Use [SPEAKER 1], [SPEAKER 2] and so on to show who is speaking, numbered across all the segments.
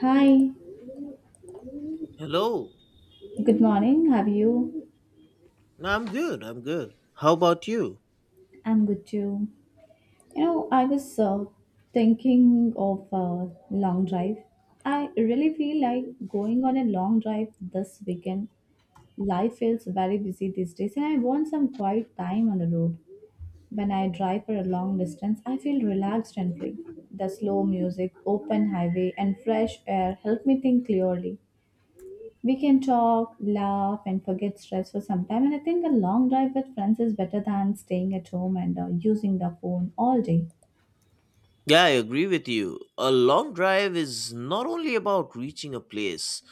[SPEAKER 1] Hi,
[SPEAKER 2] Hello.
[SPEAKER 1] good morning. How are you?
[SPEAKER 2] No, I'm good. I'm good. How about you?
[SPEAKER 1] I'm good too. You know, I was thinking of a long drive. I really feel like going on a long drive this weekend. Life feels very busy these days, and I want some quiet time on the road. When I drive for a long distance, I feel relaxed and free. The slow music, open highway, and fresh air help me think clearly. We can talk, laugh, and forget stress for some time. And I think a long drive with friends is better than staying at home and using the phone all day.
[SPEAKER 2] Yeah, I agree with you. A long drive is not only about reaching a place,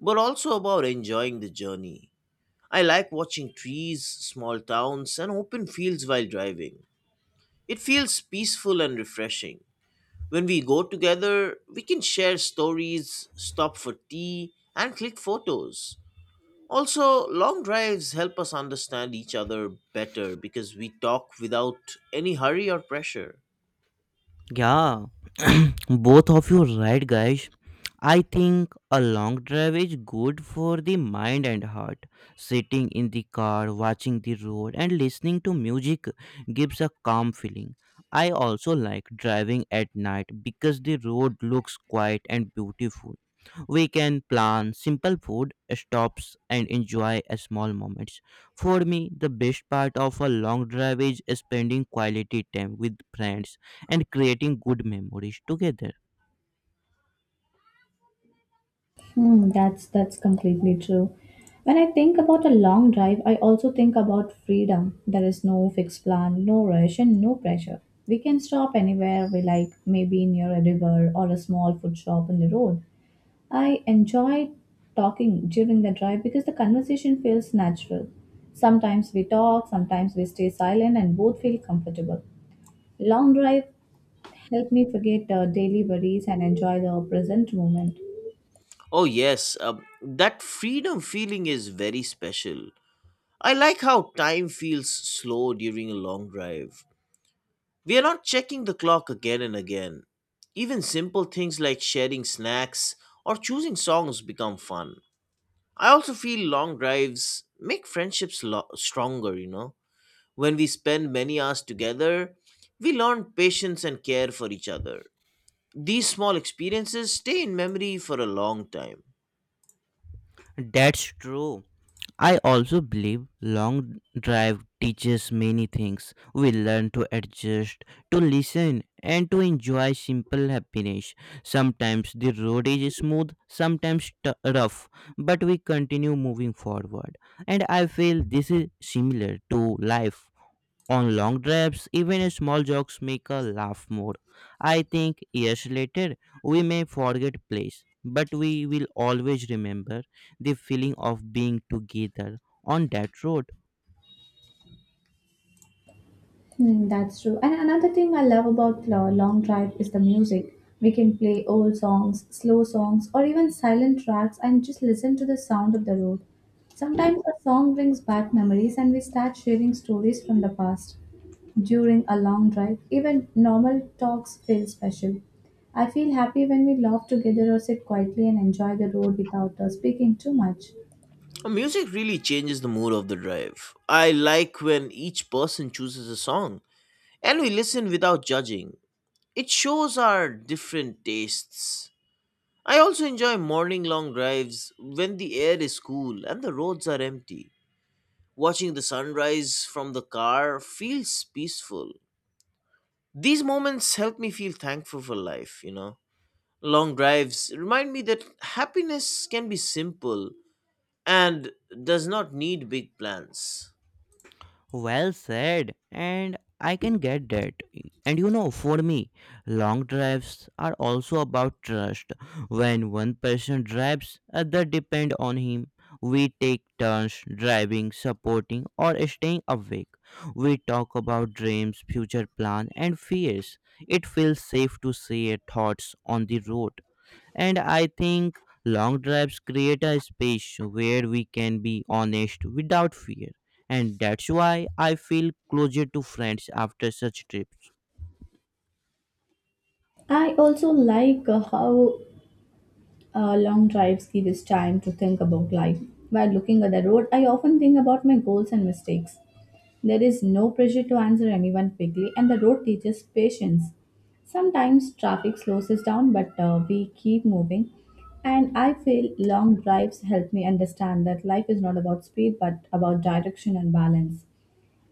[SPEAKER 2] but also about enjoying the journey. I like watching trees, small towns, and open fields while driving. It feels peaceful and refreshing. When we go together, we can share stories, stop for tea, and click photos. Also, long drives help us understand each other better because we talk without any hurry or pressure.
[SPEAKER 3] Yeah, both of you right, guys. I think a long drive is good for the mind and heart. Sitting in the car, watching the road, and listening to music gives a calm feeling. I also like driving at night because the road looks quiet and beautiful. We can plan simple food stops and enjoy a small moments. For me, the best part of a long drive is spending quality time with friends and creating good memories together.
[SPEAKER 1] Hmm, that's completely true. When I think about a long drive, I also think about freedom. There is no fixed plan, no rush, and no pressure. We can stop anywhere we like, maybe near a river or a small food shop on the road. I enjoy talking during the drive because the conversation feels natural. Sometimes we talk, sometimes we stay silent, and both feel comfortable. Long drive help me forget daily worries and enjoy the present moment.
[SPEAKER 2] Oh, yes, that freedom feeling is very special. I like how time feels slow during a long drive. We are not checking the clock again and again. Even simple things like sharing snacks or choosing songs become fun. I also feel long drives make friendships stronger, you know. When we spend many hours together, we learn patience and care for each other. These small experiences stay in memory for a long time.
[SPEAKER 3] That's true. I also believe long drive teaches many things. We learn to adjust, to listen, and to enjoy simple happiness. Sometimes the road is smooth, sometimes rough, but we continue moving forward. And I feel this is similar to life. On long drives, even small jokes make us laugh more. I think years later, we may forget place, but we will always remember the feeling of being together on that road.
[SPEAKER 1] Hmm, that's true. And another thing I love about long drive is the music. We can play old songs, slow songs, or even silent tracks and just listen to the sound of the road. Sometimes a song brings back memories and we start sharing stories from the past. During a long drive, even normal talks feel special. I feel happy when we laugh together or sit quietly and enjoy the road without speaking too much.
[SPEAKER 2] Music really changes the mood of the drive. I like when each person chooses a song and we listen without judging. It shows our different tastes. I also enjoy morning long drives when the air is cool and the roads are empty. Watching the sunrise from the car feels peaceful. These moments help me feel thankful for life, you know. Long drives remind me that happiness can be simple and does not need big plans.
[SPEAKER 3] Well said, and I can get that. And you know, for me, long drives are also about trust. When one person drives, other depend on him. We take turns driving, supporting, or staying awake. We talk about dreams, future plan, and fears. It feels safe to share thoughts on the road. And I think long drives create a space where we can be honest without fear. And that's why I feel closer to friends after such trips.
[SPEAKER 1] I also like how long drives give us time to think about life. While looking at the road, I often think about my goals and mistakes. There is no pressure to answer anyone quickly, and the road teaches patience. Sometimes traffic slows us down, but we keep moving. And I feel long drives help me understand that life is not about speed but about direction and balance.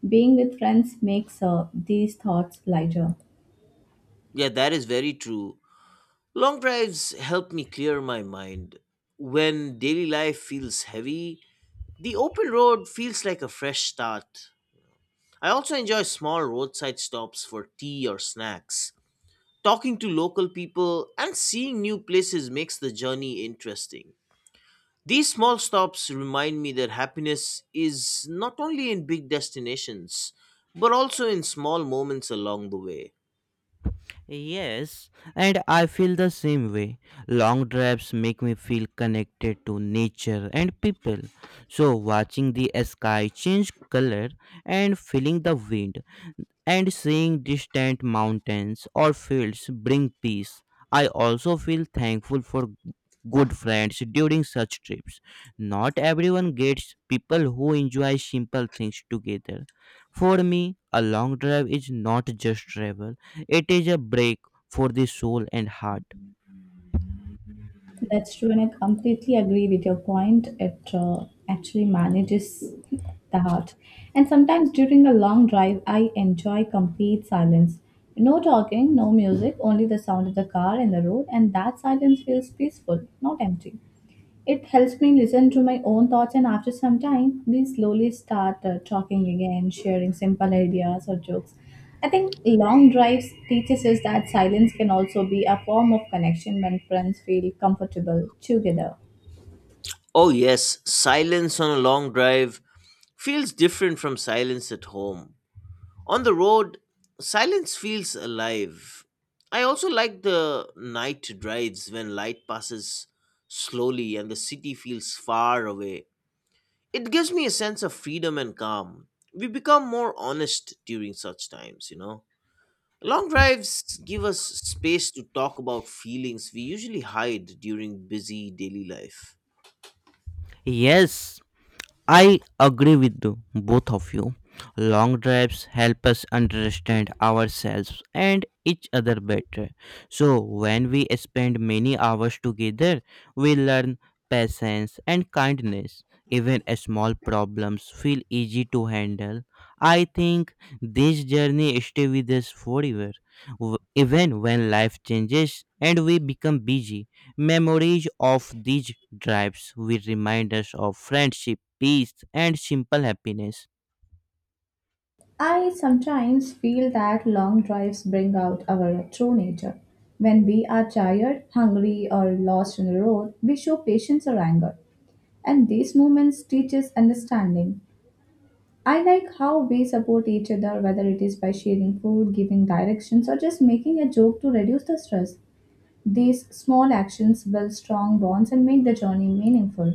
[SPEAKER 1] Being with friends makes these thoughts lighter.
[SPEAKER 2] Yeah, that is very true. Long drives help me clear my mind. When daily life feels heavy, the open road feels like a fresh start. I also enjoy small roadside stops for tea or snacks. Talking to local people and seeing new places makes the journey interesting. These small stops remind me that happiness is not only in big destinations, but also in small moments along the way.
[SPEAKER 3] Yes, and I feel the same way. Long drives make me feel connected to nature and people. So, watching the sky change color and feeling the wind and seeing distant mountains or fields bring peace. I also feel thankful for good friends during such trips. Not everyone gets people who enjoy simple things together. For me, a long drive is not just travel, it is a break for the soul and heart.
[SPEAKER 1] That's true, and I completely agree with your point. It actually manages the heart. And sometimes during a long drive, I enjoy complete silence. No talking, no music, only the sound of the car and the road, and that silence feels peaceful, not empty. It helps me listen to my own thoughts, and after some time, we slowly start talking again, sharing simple ideas or jokes. I think long drives teaches us that silence can also be a form of connection when friends feel comfortable together.
[SPEAKER 2] Oh, yes, silence on a long drive feels different from silence at home. On the road, silence feels alive. I also like the night drives when light passes slowly and the city feels far away. It gives me a sense of freedom and calm. We become more honest during such times, you know. Long drives give us space to talk about feelings we usually hide during busy daily life.
[SPEAKER 3] Yes, I agree with the both of you. Long drives help us understand ourselves and each other better. So, when we spend many hours together, we learn patience and kindness. Even small problems feel easy to handle. I think this journey stay with us forever, even when life changes and we become busy. Memories of these drives will remind us of friendship, peace, and simple happiness.
[SPEAKER 1] I sometimes feel that long drives bring out our true nature. When we are tired, hungry, or lost on the road, we show patience or anger, and these moments teach us understanding. I like how we support each other, whether it is by sharing food, giving directions, or just making a joke to reduce the stress. These small actions build strong bonds and make the journey meaningful.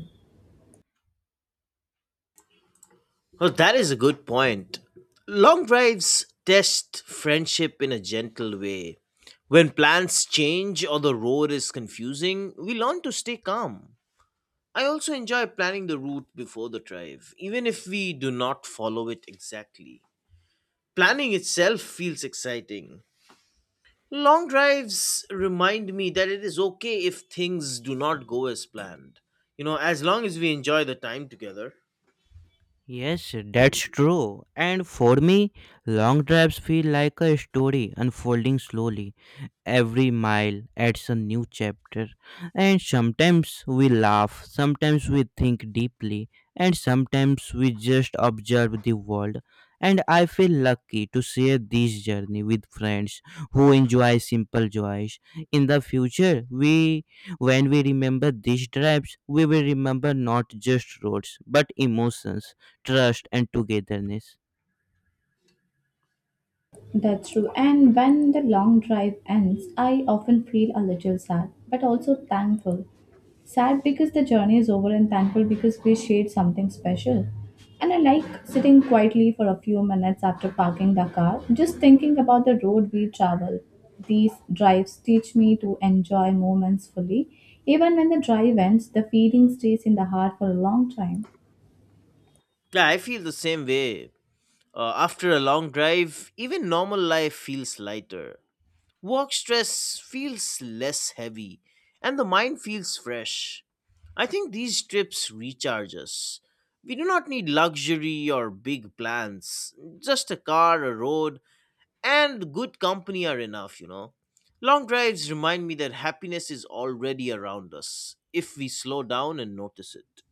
[SPEAKER 2] Well, that is a good point. Long drives test friendship in a gentle way. When plans change or the road is confusing, we learn to stay calm. I also enjoy planning the route before the drive, even if we do not follow it exactly. Planning itself feels exciting. Long drives remind me that it is okay if things do not go as planned. You know, as long as we enjoy the time together.
[SPEAKER 3] Yes, that's true. And for me, long drives feel like a story unfolding slowly. Every mile adds a new chapter, and sometimes we laugh, sometimes we think deeply, and sometimes we just observe the world. And I feel lucky to share this journey with friends who enjoy simple joys. In the future, we when we remember these drives, we will remember not just roads but emotions, trust, and togetherness.
[SPEAKER 1] That's true. And when the long drive ends, I often feel a little sad, but also thankful. Sad because the journey is over, and thankful because we shared something special. And I like sitting quietly for a few minutes after parking the car, just thinking about the road we travel. These drives teach me to enjoy moments fully. Even when the drive ends, the feeling stays in the heart for a long time.
[SPEAKER 2] Yeah, I feel the same way. After a long drive, even normal life feels lighter. Work stress feels less heavy, and the mind feels fresh. I think these trips recharge us. We do not need luxury or big plans, just a car, a road, and good company are enough, you know. Long drives remind me that happiness is already around us if we slow down and notice it.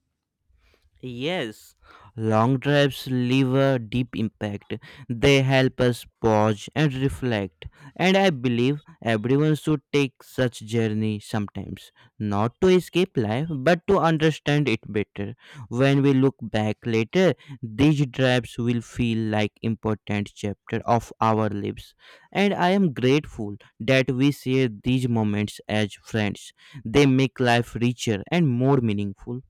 [SPEAKER 3] Yes, long drives leave a deep impact. They help us pause and reflect. And I believe everyone should take such journey sometimes, not to escape life, but to understand it better. When we look back later, these drives will feel like important chapter of our lives. And I am grateful that we share these moments as friends. They make life richer and more meaningful.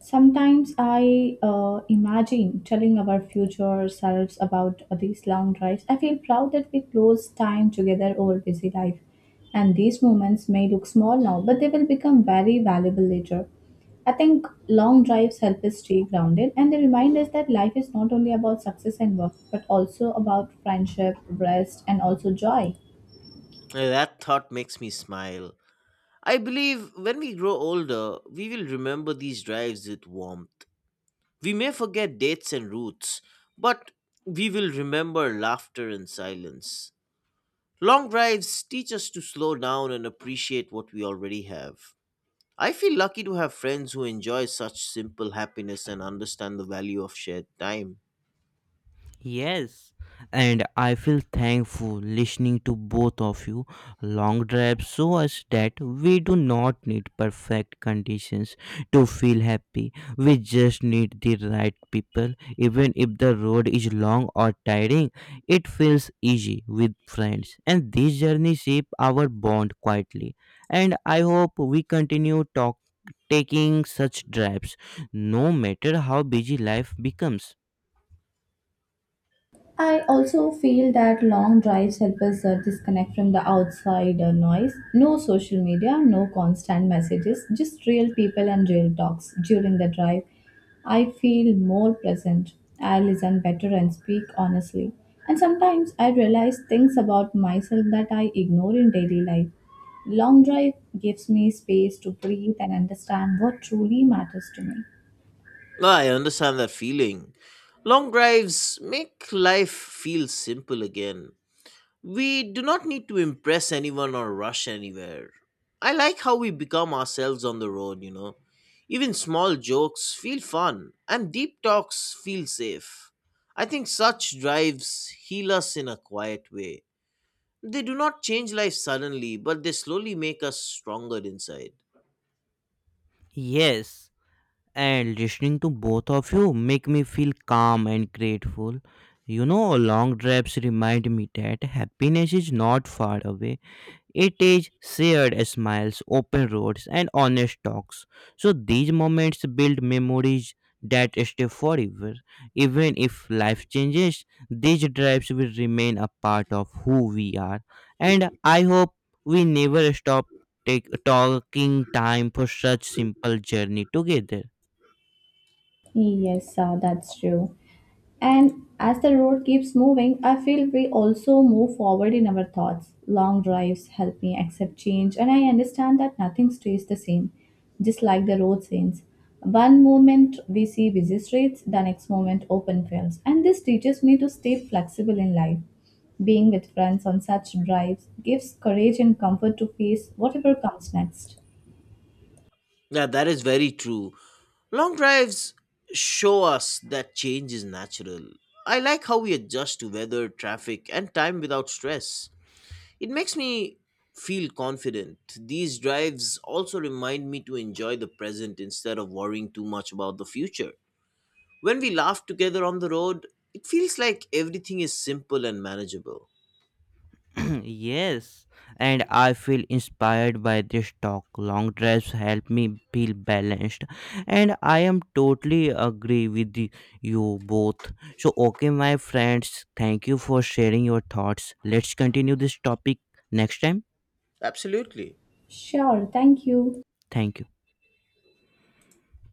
[SPEAKER 1] Sometimes I imagine telling our future selves about these long drives. I feel proud that we close time together over busy life. And these moments may look small now, but they will become very valuable later. I think long drives help us stay grounded and they remind us that life is not only about success and work, but also about friendship, rest, and also joy.
[SPEAKER 2] That thought makes me smile. I believe when we grow older, we will remember these drives with warmth. We may forget dates and routes, but we will remember laughter and silence. Long drives teach us to slow down and appreciate what we already have. I feel lucky to have friends who enjoy such simple happiness and understand the value of shared time.
[SPEAKER 3] Yes, and I feel thankful listening to both of you. Long drives show us that we do not need perfect conditions to feel happy. We just need the right people. Even if the road is long or tiring, it feels easy with friends. And these journeys shape our bond quietly. And I hope we continue talk taking such drives, no matter how busy life becomes.
[SPEAKER 1] I also feel that long drives help us disconnect from the outside noise. No social media, no constant messages, just real people and real talks during the drive. I feel more present. I listen better and speak honestly. And sometimes I realize things about myself that I ignore in daily life. Long drive gives me space to breathe and understand what truly matters to me.
[SPEAKER 2] No, I understand that feeling. Long drives make life feel simple again. We do not need to impress anyone or rush anywhere. I like how we become ourselves on the road, you know. Even small jokes feel fun, and deep talks feel safe. I think such drives heal us in a quiet way. They do not change life suddenly, but they slowly make us stronger inside.
[SPEAKER 3] Yes. And listening to both of you make me feel calm and grateful. You know, long drives remind me that happiness is not far away. It is shared smiles, open roads, and honest talks. So these moments build memories that stay forever. Even if life changes, these drives will remain a part of who we are. And I hope we never stop talking time for such simple journey together.
[SPEAKER 1] Yes, that's true. And as the road keeps moving, I feel we also move forward in our thoughts. Long drives help me accept change, and I understand that nothing stays the same, just like the road scenes. One moment we see busy streets, the next moment open fields, and this teaches me to stay flexible in life. Being with friends on such drives gives courage and comfort to face whatever comes next.
[SPEAKER 2] Yeah, that is very true. Long drives show us that change is natural. I like how we adjust to weather, traffic, and time without stress. It makes me feel confident. These drives also remind me to enjoy the present instead of worrying too much about the future. When we laugh together on the road, it feels like everything is simple and manageable.
[SPEAKER 3] Yes, and I feel inspired by this talk. Long drives help me feel balanced, and I am totally agree with you both. So, okay, my friends, thank you for sharing your thoughts. Let's continue this topic next time.
[SPEAKER 2] Absolutely.
[SPEAKER 1] Sure, thank you.
[SPEAKER 3] Thank you.